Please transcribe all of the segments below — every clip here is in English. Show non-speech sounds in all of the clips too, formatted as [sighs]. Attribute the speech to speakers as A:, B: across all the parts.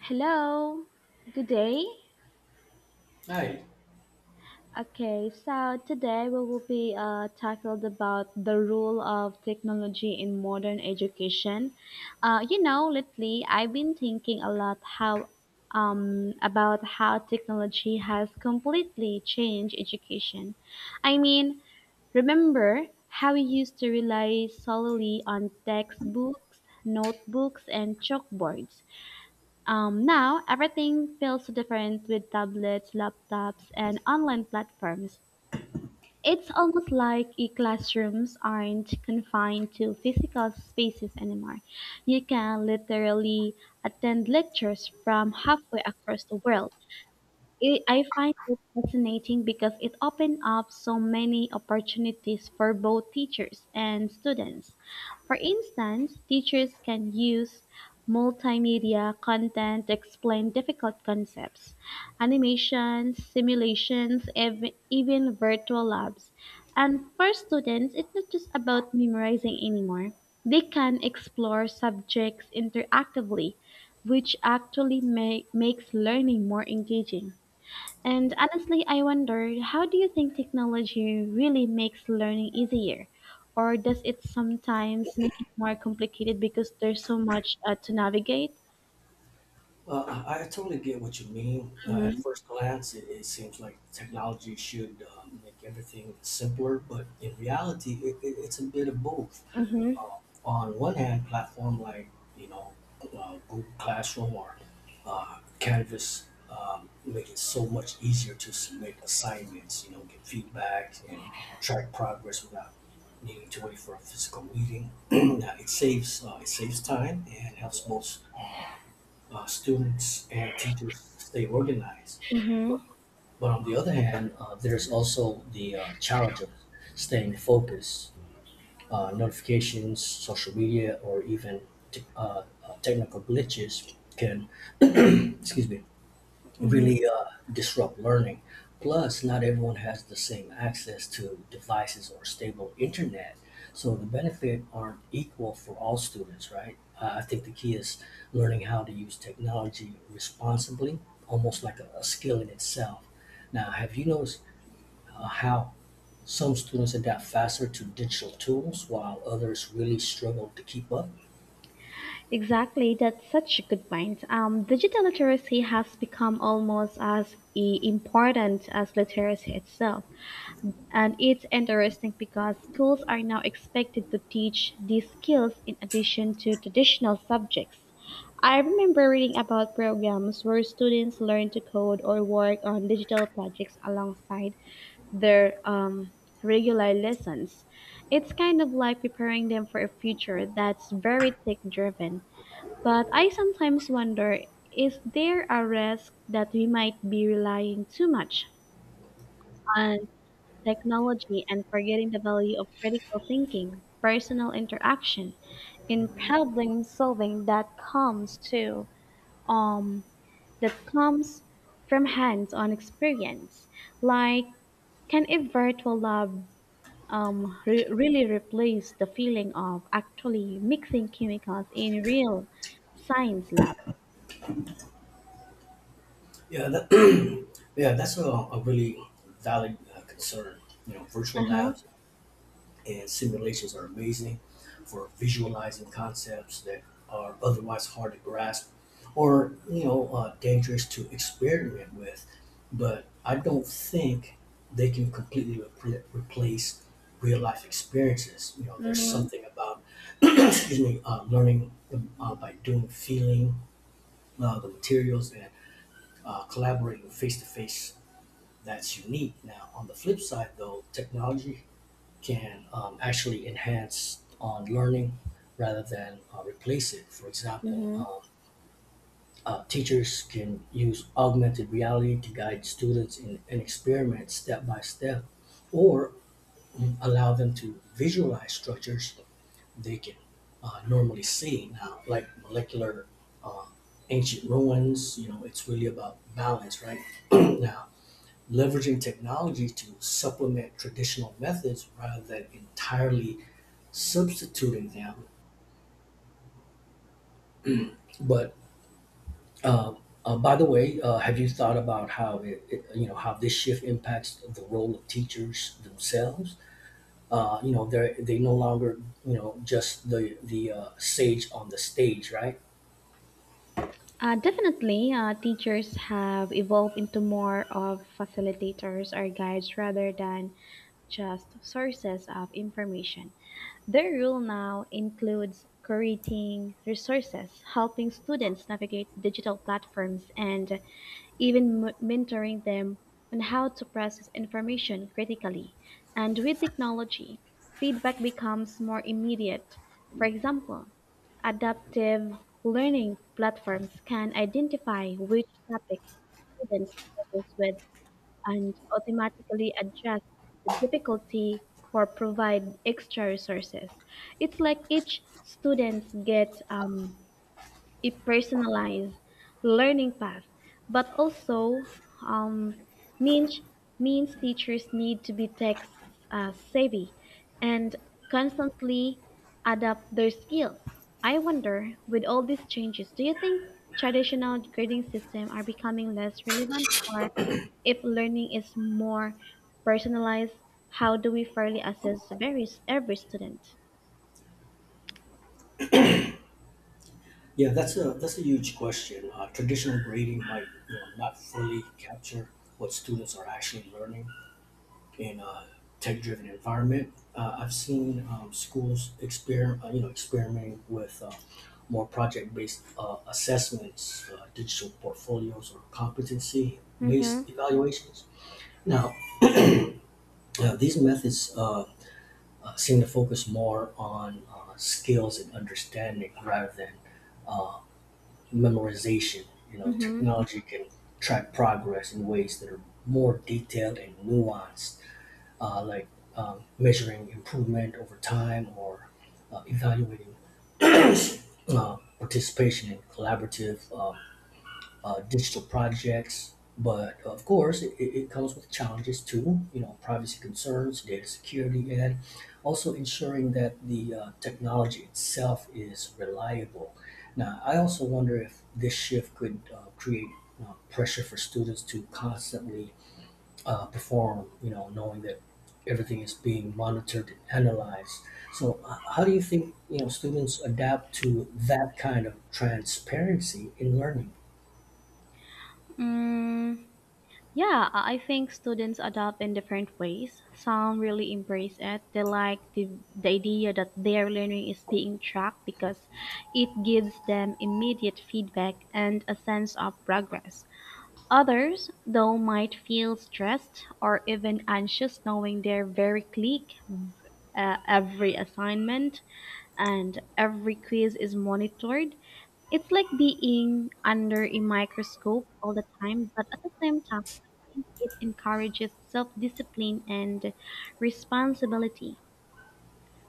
A: Hello, good day.
B: Hi.
A: Okay, so today we will be tackled about the role of technology in modern education. Lately I've been thinking a lot how about how technology has completely changed education. I mean, remember how we used to rely solely on textbooks, notebooks, and chalkboards. Now everything feels so different with tablets, laptops, and online platforms. It's almost like e-classrooms aren't confined to physical spaces anymore. You can literally attend lectures from halfway across the world. I find it fascinating because it opens up so many opportunities for both teachers and students. For instance, teachers can use multimedia content to explain difficult concepts, animations, simulations, even virtual labs. And for students, it's not just about memorizing anymore. They can explore subjects interactively, which actually makes learning more engaging. And honestly, I wonder, how do you think technology really makes learning easier? Or does it sometimes make it more complicated because there's so much to navigate?
B: I totally get what you mean. At
A: Mm-hmm,
B: first glance, it seems like technology should make everything simpler, but in reality, it's a bit of both.
A: mm-hmm,
B: Uh, on one hand, platform like you know Google Classroom or Canvas make it so much easier to submit assignments, you know, get feedback and track progress without needing to wait for a physical meeting. [clears throat] Now, it saves time and helps both students and teachers stay organized.
A: mm-hmm,
B: But, but on the other hand, there's also the challenge of staying focused. Notifications, social media, or even technical glitches can, [clears throat] excuse me,
A: mm-hmm.
B: really disrupt learning. Plus, not everyone has the same access to devices or stable internet, so the benefit aren't equal for all students, right? I think the key is learning how to use technology responsibly, almost like a skill in itself. Now, have you noticed how some students adapt faster to digital tools while others really struggle to keep up?
A: Exactly, that's such a good point. Digital literacy has become almost as important as literacy itself. And it's interesting because schools are now expected to teach these skills in addition to traditional subjects. I remember reading about programs where students learn to code or work on digital projects alongside their regular lessons. It's kind of like preparing them for a future that's very tech driven. But I sometimes wonder, is there a risk that we might be relying too much on technology and forgetting the value of critical thinking, personal interaction, and problem solving that comes to um that comes from hands-on experience. Like, can a virtual lab really replace the feeling of actually mixing chemicals in real science lab?
B: Yeah, that, [clears throat] yeah, that's a really valid concern. You know,
A: Uh
B: virtual
A: huh.
B: labs and simulations are amazing for visualizing concepts that are otherwise hard to grasp or dangerous to experiment with, but I don't think they can completely replace real life experiences. You know, there's
A: Mm-hmm.
B: something about [clears throat] excuse me, learning by doing, feeling the materials, and collaborating face to face, that's unique. Now, on the flip side, though, technology can actually enhance on learning rather than replace it. For example, teachers can use augmented reality to guide students in an experiment step by step, or allow them to visualize structures they can normally see now, like molecular, uh, ancient ruins. You know, it's really about balance, right? [clears throat] Now, leveraging technology to supplement traditional methods rather than entirely substituting them. But uh, by the way, have you thought about how how this shift impacts the role of teachers themselves? You know, they no longer, you know, just the sage on the stage, right?
A: Definitely, teachers have evolved into more of facilitators or guides rather than just sources of information. Their role now includes curating resources, helping students navigate digital platforms, and even mentoring them on how to process information critically. And with technology, feedback becomes more immediate. For example, adaptive learning platforms can identify which topics students struggle with and automatically adjust the difficulty or provide extra resources. It's like each student gets a personalized learning path, but also um, means means teachers need to be tech savvy and constantly adapt their skills. I wonder, with all these changes, do you think traditional grading systems are becoming less relevant, or if learning is more personalized, how do we fairly assess varies every student?
B: Yeah, that's a huge question. Traditional grading might, you know, not fully capture what students are actually learning in a tech-driven environment. I've seen schools experiment, you know, experimenting with more project-based assessments, digital portfolios, or
A: Mm-hmm.
B: competency-based evaluations. Now, these methods seem to focus more on skills and understanding rather than uh, memorization. You know, technology can track progress in ways that are more detailed and nuanced, like measuring improvement over time or evaluating participation in collaborative digital projects. But of course, it comes with challenges too, you know, privacy concerns, data security, and also ensuring that the technology itself is reliable. Now, I also wonder if this shift could create pressure for students to constantly perform, you know, knowing that everything is being monitored and analyzed. So, how do you think, you know, students adapt to that kind of transparency in learning?
A: Mm-hmm. Yeah, I think students adapt in different ways. Some really embrace it. They like the idea that their learning is being tracked because it gives them immediate feedback and a sense of progress. Others, though, might feel stressed or even anxious knowing they're very click every assignment and every quiz is monitored. It's like being under a microscope all the time, but at the same time, I think it encourages self discipline and responsibility.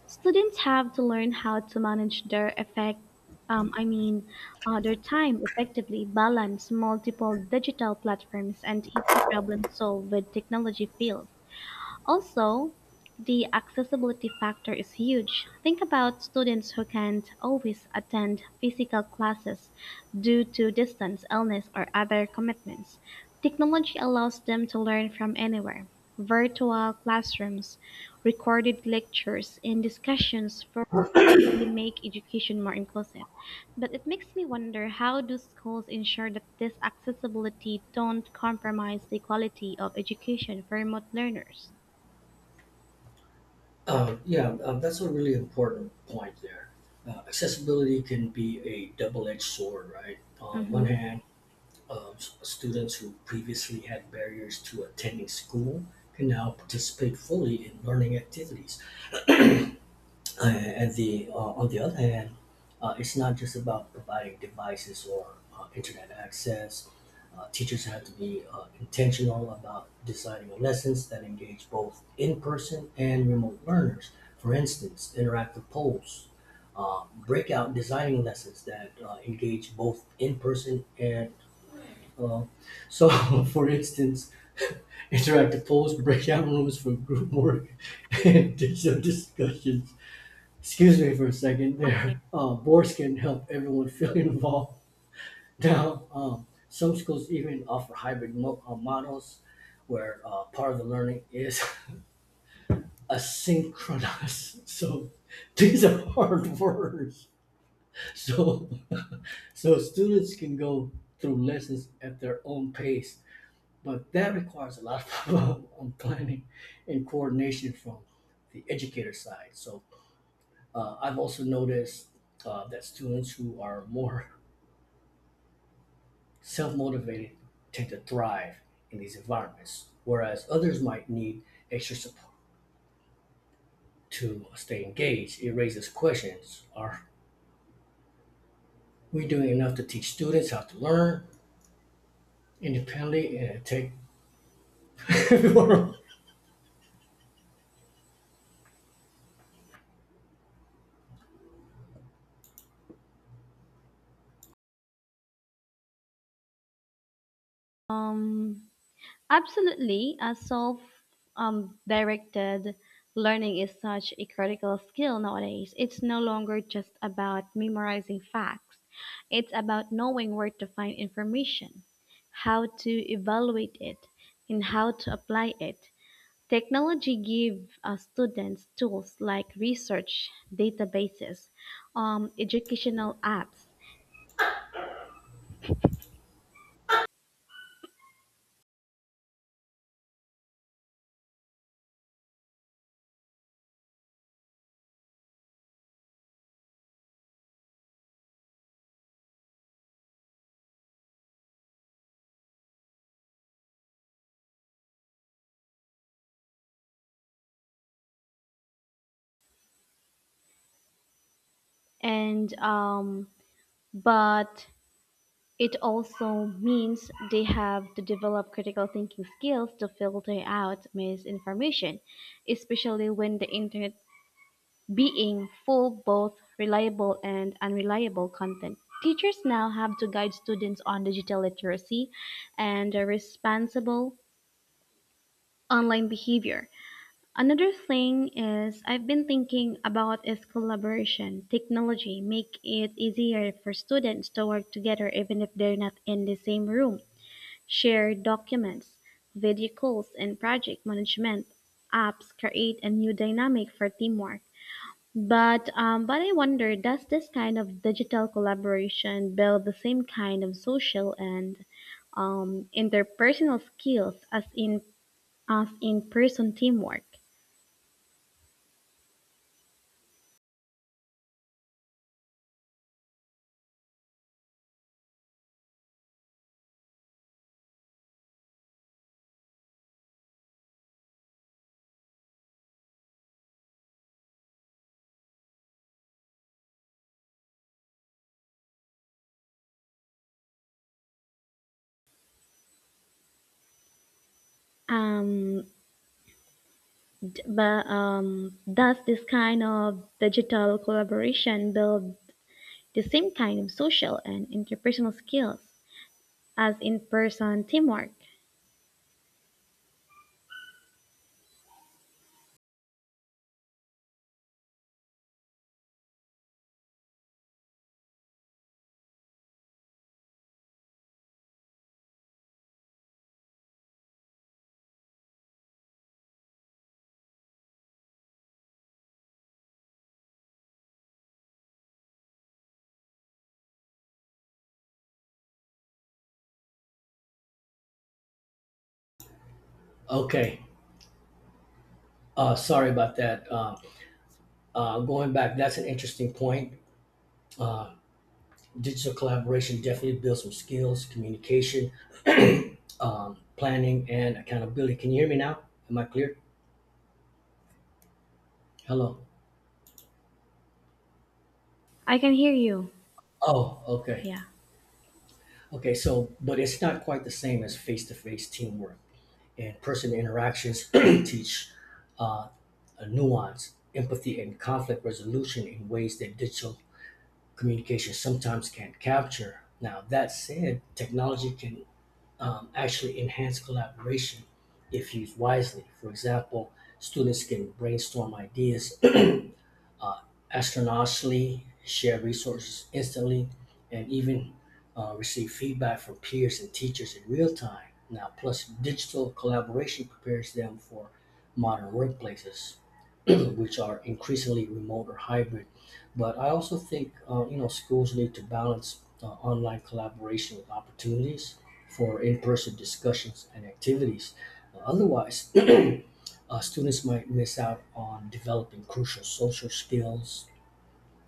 A: Students have to learn how to manage their effect. Um, I mean, their time effectively, balance multiple digital platforms, and even problem solve with technology fields. Also, the accessibility factor is huge. Think about students who can't always attend physical classes due to distance, illness, or other commitments. Technology allows them to learn from anywhere. Virtual classrooms, recorded lectures, and discussions for really make education more inclusive. But it makes me wonder, how do schools ensure that this accessibility don't compromise the quality of education for remote learners?
B: Yeah, that's a really important point there. Accessibility can be a double-edged sword, right? On one
A: Mm-hmm.
B: hand, students who previously had barriers to attending school can now participate fully in learning activities. At the On the other hand, it's not just about providing devices or internet access. Teachers have to be intentional about designing lessons that engage both in-person and remote learners. For instance, interactive polls, breakout designing lessons that engage both in-person and uh, so, [laughs] for instance, interactive polls, breakout rooms for group work, [laughs] and digital discussions, excuse me for a second,
A: Okay.
B: their [laughs] boards can help everyone feel [laughs] involved. Now, some schools even offer hybrid models where part of the learning is [laughs] asynchronous. [laughs] So these are hard [laughs] words. So, so students can go through lessons at their own pace, but that requires a lot of [laughs] planning and coordination from the educator side. So, I've also noticed that students who are more [laughs] self motivated tend to thrive in these environments, whereas others might need extra support to stay engaged. It raises questions. Are we doing enough to teach students how to learn independently and take. [laughs]
A: Um, absolutely. A self directed learning is such a critical skill nowadays. It's no longer just about memorizing facts, it's about knowing where to find information, how to evaluate it, and how to apply it. Technology give students tools like research, databases, educational apps, and but it also means they have to develop critical thinking skills to filter out misinformation, especially when the internet being full both reliable and unreliable content. Teachers now have to guide students on digital literacy and a responsible online behavior. Another thing is I've been thinking about is collaboration. Technology make it easier for students to work together even if they're not in the same room. Shared documents, video calls, and project management apps create a new dynamic for teamwork. But I wonder, does this kind of digital collaboration build the same kind of social and interpersonal skills as in person teamwork? Um, d- but does this kind of digital collaboration build the same kind of social and interpersonal skills as in person teamwork?
B: Okay, sorry about that. Going back, that's an interesting point. Digital collaboration definitely builds some skills, communication, planning and accountability. Can you hear me now? Am I clear? Hello.
A: I can hear you.
B: Oh, okay.
A: Yeah.
B: Okay, so, but it's not quite the same as face to face teamwork. And person interactions [clears throat] teach uh, a nuance, empathy, and conflict resolution in ways that digital communication sometimes can't capture. Now, that said, technology can actually enhance collaboration if used wisely. For example, students can brainstorm ideas uh, astronomically, share resources instantly, and even receive feedback from peers and teachers in real time. Now, plus digital collaboration prepares them for modern workplaces, [clears throat] which are increasingly remote or hybrid. But I also think, you know, schools need to balance online collaboration with opportunities for in-person discussions and activities. Otherwise, [clears throat] students might miss out on developing crucial social skills.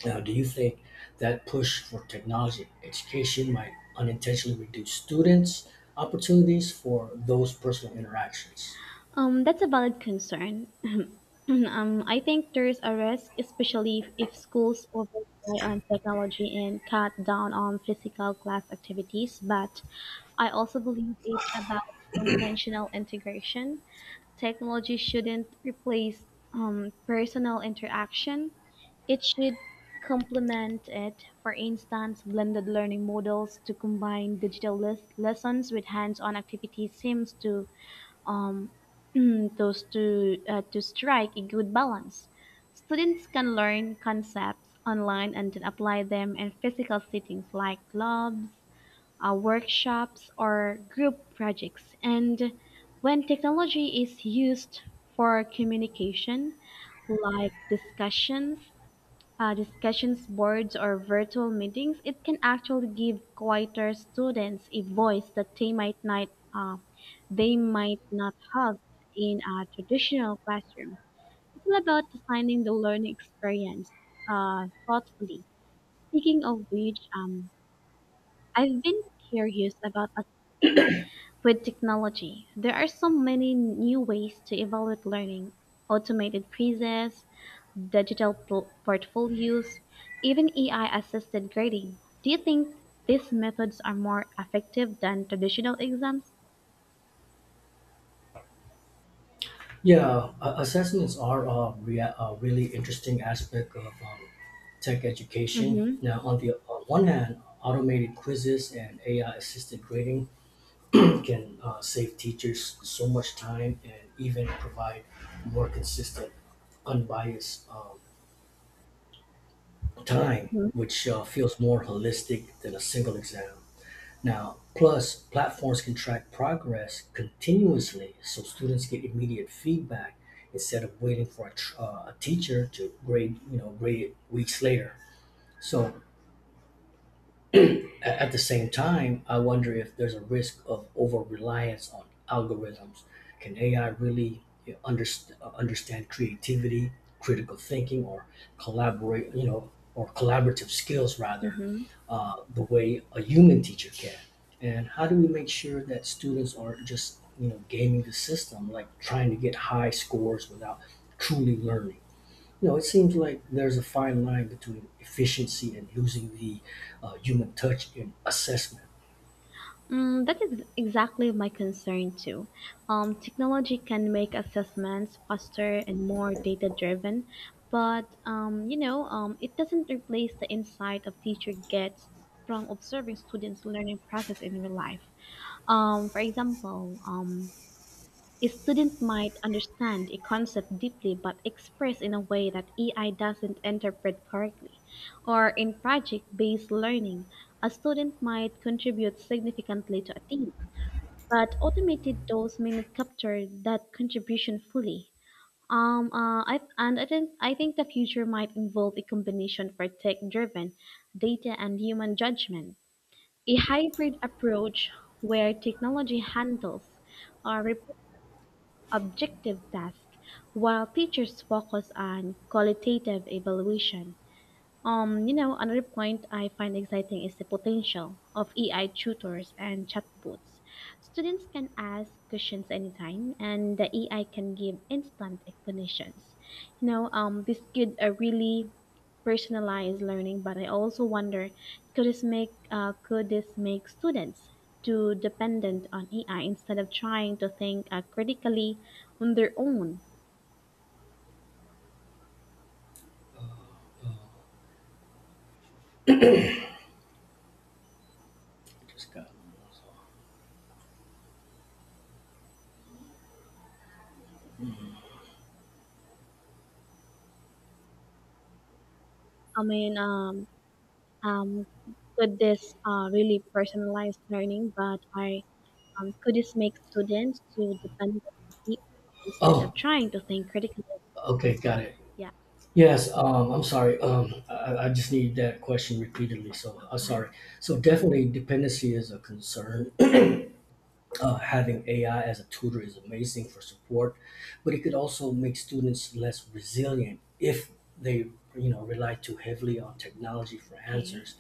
B: Now, do you think that push for technology education might unintentionally reduce students' opportunities for those personal interactions?
A: That's a valid concern. [clears throat] I think there is a risk, especially if schools over rely on technology and cut down on physical class activities. But I also believe it's about intentional integration. Technology shouldn't replace personal interaction. It should complement it. For instance, blended learning models to combine digital lessons with hands-on activities seems to um, [clears throat] those to strike a good balance. Students can learn concepts online and then apply them in physical settings like clubs, workshops, or group projects. And when technology is used for communication, like discussions, discussions boards or virtual meetings, it can actually give quieter students a voice that they might not uh, have in a traditional classroom. It's all about designing the learning experience thoughtfully. Speaking of which, I've been curious about, with technology, there are so many new ways to evaluate learning, automated quizzes, digital portfolios, even AI assisted grading. Do you think these methods are more effective than traditional exams?
B: Yeah, assessments are a, a really interesting aspect of tech education.
A: Mm-hmm.
B: Now, on the on one hand, automated quizzes and AI-assisted grading [clears throat] can save teachers so much time and even provide more consistent, unbiased time,
A: Hmm.
B: which feels more holistic than a single exam. Now, plus platforms can track progress continuously so students get immediate feedback instead of waiting for a, a teacher to grade, you know, grade it weeks later. So at the same time, I wonder if there's a risk of over reliance on algorithms. Can AI really, you know, understand creativity, critical thinking, or collaborate? You know, or collaborative skills rather,
A: Hmm.
B: the way a human teacher can. And how do we make sure that students aren't just, you know, gaming the system, like trying to get high scores without truly learning? You know, it seems like there's a fine line between efficiency and losing the human touch in assessment.
A: Mm, that is exactly my concern too. Technology can make assessments faster and more data driven, but it doesn't replace the insight a teacher gets from observing students' learning process in real life. For example, a student might understand a concept deeply but express in a way that AI doesn't interpret correctly. Or in project based learning, a student might contribute significantly to a team, but automated tools may not capture that contribution fully. I think the future might involve a combination for tech-driven data and human judgment, a hybrid approach where technology handles uh, rep- objective tasks while teachers focus on qualitative evaluation. Another point I find exciting is the potential of AI tutors and chatbots. Students can ask questions anytime, and the AI can give instant explanations. This could really personalized learning, but I also wonder, could this make students too dependent on AI instead of trying to think critically on their own?
B: Uh, just got
A: I mean, um, um, could this really personalized learning, but I could this make students too dependent on people instead
B: oh,
A: of trying to think critically?
B: okay, got it. Yes, I'm sorry. I just need that question repeatedly, so I'm
A: Yeah. [sighs]
B: sorry. So definitely, dependency is a concern.
A: Mm-hmm.
B: Having AI as a tutor is amazing for support, but it could also make students less resilient if they, you know, rely too heavily on technology for
A: Okay.
B: answers.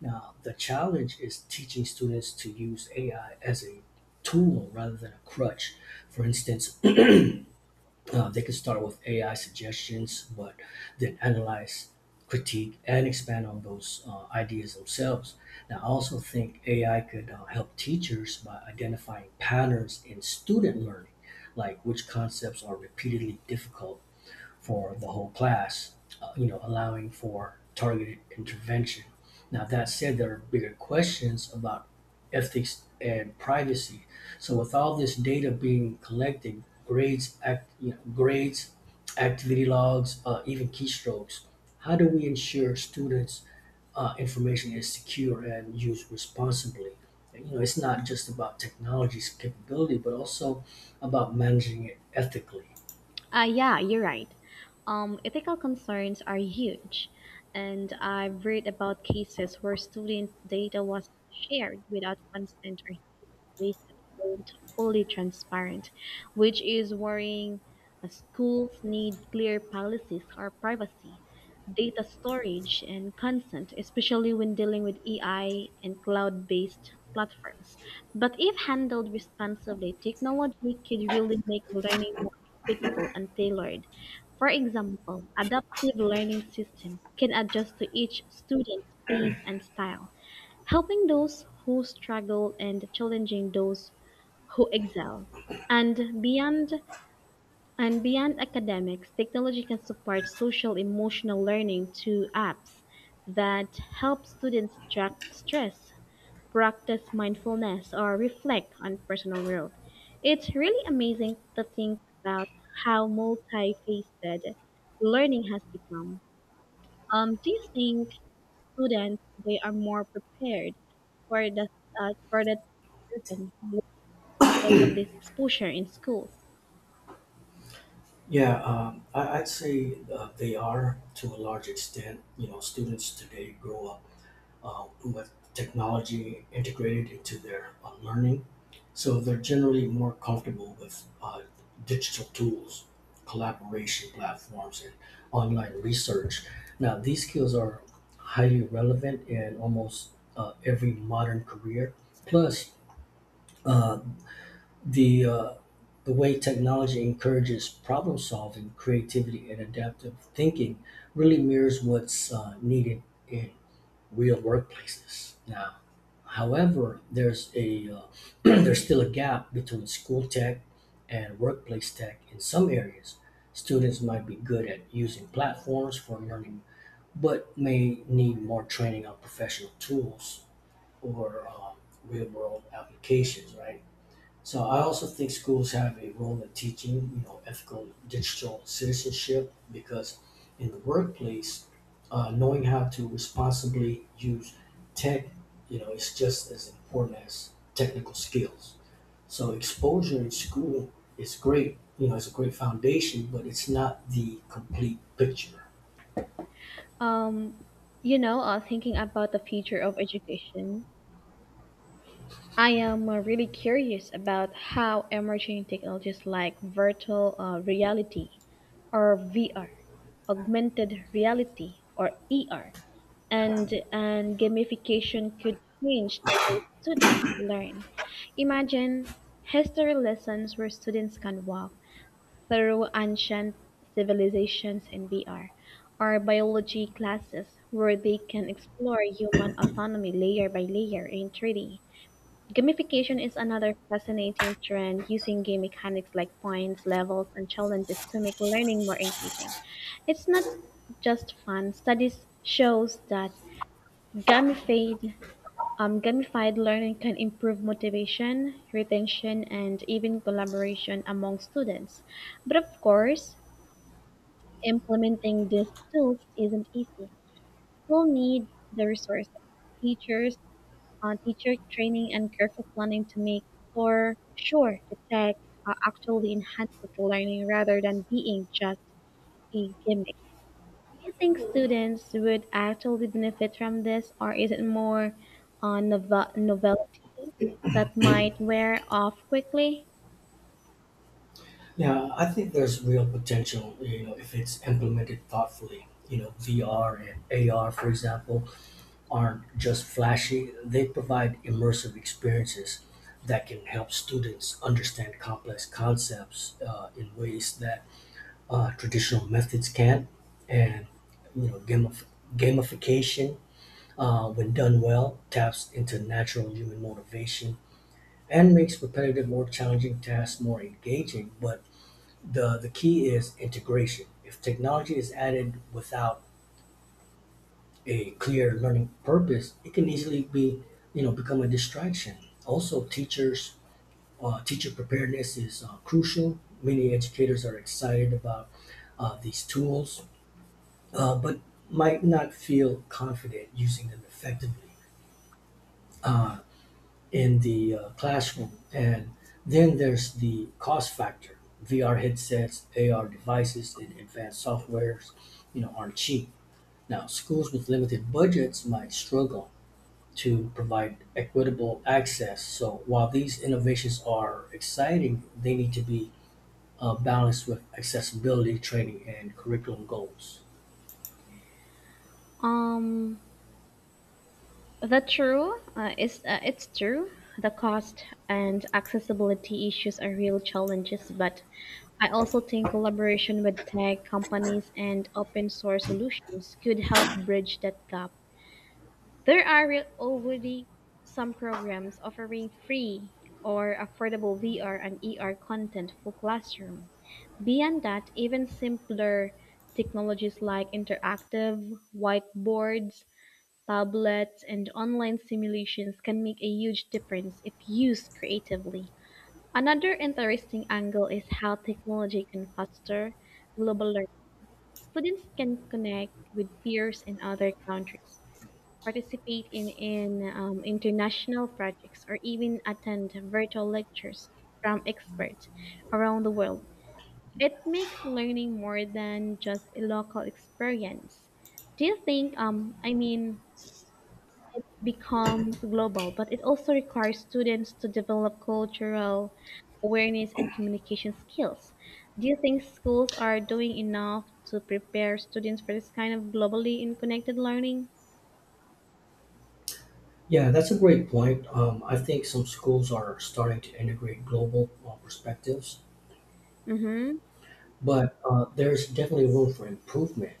B: Now, the challenge is teaching students to use AI as a tool rather than a crutch. For instance, [clears throat] they can start with AI suggestions, but then analyze, critique, and expand on those ideas themselves. Now, I also think AI could help teachers by identifying patterns in student learning, like which concepts are repeatedly difficult for the whole class, you know, allowing for targeted intervention. Now, that said, there are bigger questions about ethics and privacy. So, with all this data being collected, grades, activity logs, even keystrokes, how do we ensure students' information is secure and used responsibly? You know, it's not just about technology's capability, but also about managing it ethically.
A: Yeah, you're right. Ethical concerns are huge, and I've read about cases where student data was shared without consent or ways that weren't fully transparent, which is worrying. Schools need clear policies or privacy, data storage, and consent, especially when dealing with AI and cloud based platforms. But if handled responsibly, technology could really make learning more equitable and tailored. For example, adaptive learning systems can adjust to each student's pace and style helping those who struggle and challenging those who excel. And beyond and beyond academics, technology can support social emotional learning through apps that help students track stress, practice mindfulness, or reflect on personal growth. It's really amazing to think about how multifaceted learning has become. Do you think students today are more prepared for that driven because of this exposure in schools.
B: Yeah, I, I'd say they are to a large extent. You know, students today grow up with technology integrated into their learning, so they're generally more comfortable with digital tools, collaboration platforms, and online research. Now, these skills are highly relevant in almost every modern career. Plus, uh, the uh, the way technology encourages problem solving, creativity, and adaptive thinking really mirrors what's needed in real workplaces now. However, there's a [clears throat] there's still a gap between school tech and workplace tech in some areas. Students might be good at using platforms for learning, but may need more training on professional tools or real world applications, right? So I also think schools have a role in teaching, you know, ethical digital citizenship because in the workplace, knowing how to responsibly use tech, you know, is just as important as technical skills. So exposure in school is great, you know, it's a great foundation, but it's not the complete picture.
A: Um, thinking about the future of education, I am really curious about how emerging technologies like virtual reality or VR, augmented reality or ER, and gamification could change the way students learn. Imagine history lessons where students can walk through ancient civilizations in VR, or biology classes where they can explore human autonomy layer by layer in 3D. Gamification is another fascinating trend using game mechanics like points, levels, and challenges to make learning more engaging. It's not just fun. Studies shows that gamified gamified learning can improve motivation, retention, and even collaboration among students. But of course, implementing these tools isn't easy. We'll need the resources, teachers, teacher training, and careful planning to make for sure the tech actually enhances learning rather than being just a gimmick. Do you think students would actually benefit from this, or is it more uh, nov novelty that might wear off quickly?
B: Yeah, I think there's real potential, you know, if it's implemented thoughtfully. You know, VR and AR, for example, aren't just flashy, they provide immersive experiences that can help students understand complex concepts in ways that traditional methods can't. And you know, gamification, when done well, taps into natural human motivation and makes repetitive or challenging tasks more engaging. But the key is integration. If technology is added without a clear learning purpose, it can easily be, you know, become a distraction. Also, teacher preparedness is crucial. Many educators are excited about these tools, but might not feel confident using them effectively in the classroom. And then there's the cost factor. VR headsets, AR devices, and advanced softwares, you know, aren't cheap. Now, schools with limited budgets might struggle to provide equitable access. So while these innovations are exciting, they need to be balanced with accessibility training and curriculum goals.
A: Um, The true is it's true the cost and accessibility issues are real challenges, but I also think collaboration with tech companies and open source solutions could help bridge that gap. There are already some programs offering free or affordable VR and ER content for classroom. Beyond that, even simpler technologies like interactive whiteboards, tablets and online simulations can make a huge difference if used creatively. Another interesting angle is how technology can foster global learning. Students can connect with peers in other countries, participate in international projects, or even attend virtual lectures from experts around the world. It makes learning more than just a local experience. Do you think, I mean, it becomes global, but it also requires students to develop cultural awareness and communication skills. Do you think schools are doing enough to prepare students for this kind of globally and connected learning?
B: Yeah, that's a great point. I think some schools are starting to integrate global perspectives,
A: Mm-hmm.
B: but there's definitely room for improvement.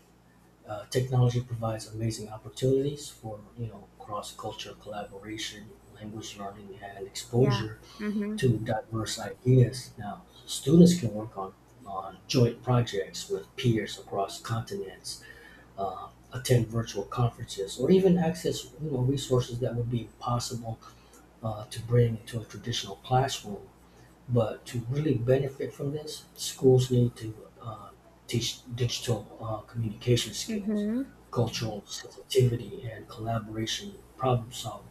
B: Technology provides amazing opportunities for, you know, cross-cultural collaboration, language learning, and
A: Yeah.
B: exposure
A: Mm-hmm.
B: to diverse ideas. Now, students can work on joint projects with peers across continents, attend virtual conferences, or even access, you know, resources that would be impossible to bring into a traditional classroom. But to really benefit from this, schools need to uh, teach digital communication skills,
A: Mm-hmm.
B: cultural sensitivity, and collaboration problem solving.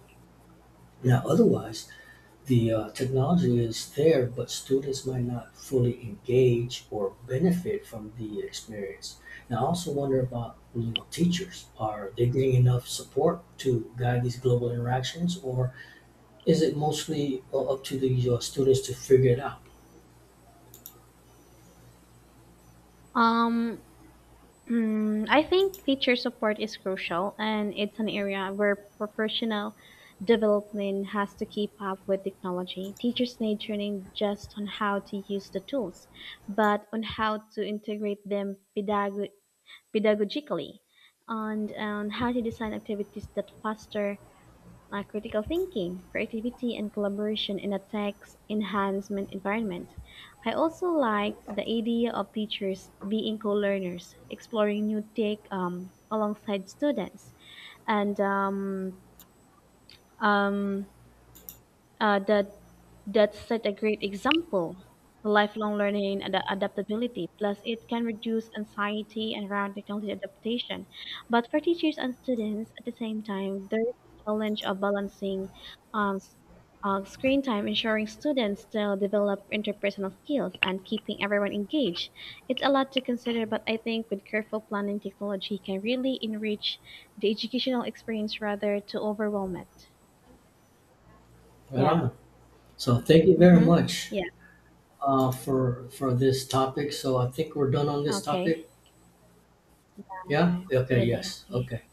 B: Now, otherwise, the technology is there, but students might not fully engage or benefit from the experience. Now, I also wonder about, you know, teachers. Are they getting enough support to guide these global interactions, or is it mostly up to the students to figure it out?
A: Um, mm, I think teacher support is crucial, and it's an area where professional development has to keep up with technology. Teachers need training just on how to use the tools, but on how to integrate them pedagogically and on how to design activities that foster like critical thinking, creativity, and collaboration in a text enhancement environment. I also like the idea of teachers being co learners, exploring new tech alongside students, and um, the that's such a great example. Lifelong learning and adaptability, plus it can reduce anxiety and around technology adaptation. But for teachers and students, at the same time, there is a challenge of balancing um, s- screen time, ensuring students still develop interpersonal skills, and keeping everyone engaged. It's a lot to consider, but I think with careful planning, technology can really enrich the educational experience rather to overwhelm it.
B: Right
A: Yeah.
B: on. So, thank you very
A: Mm-hmm.
B: much
A: Yeah.
B: for this topic. So, I think we're done on this topic.
A: Okay. Oke,
B: Yeah. Okay.
A: gede,
B: Yes.
A: oke.
B: Okay.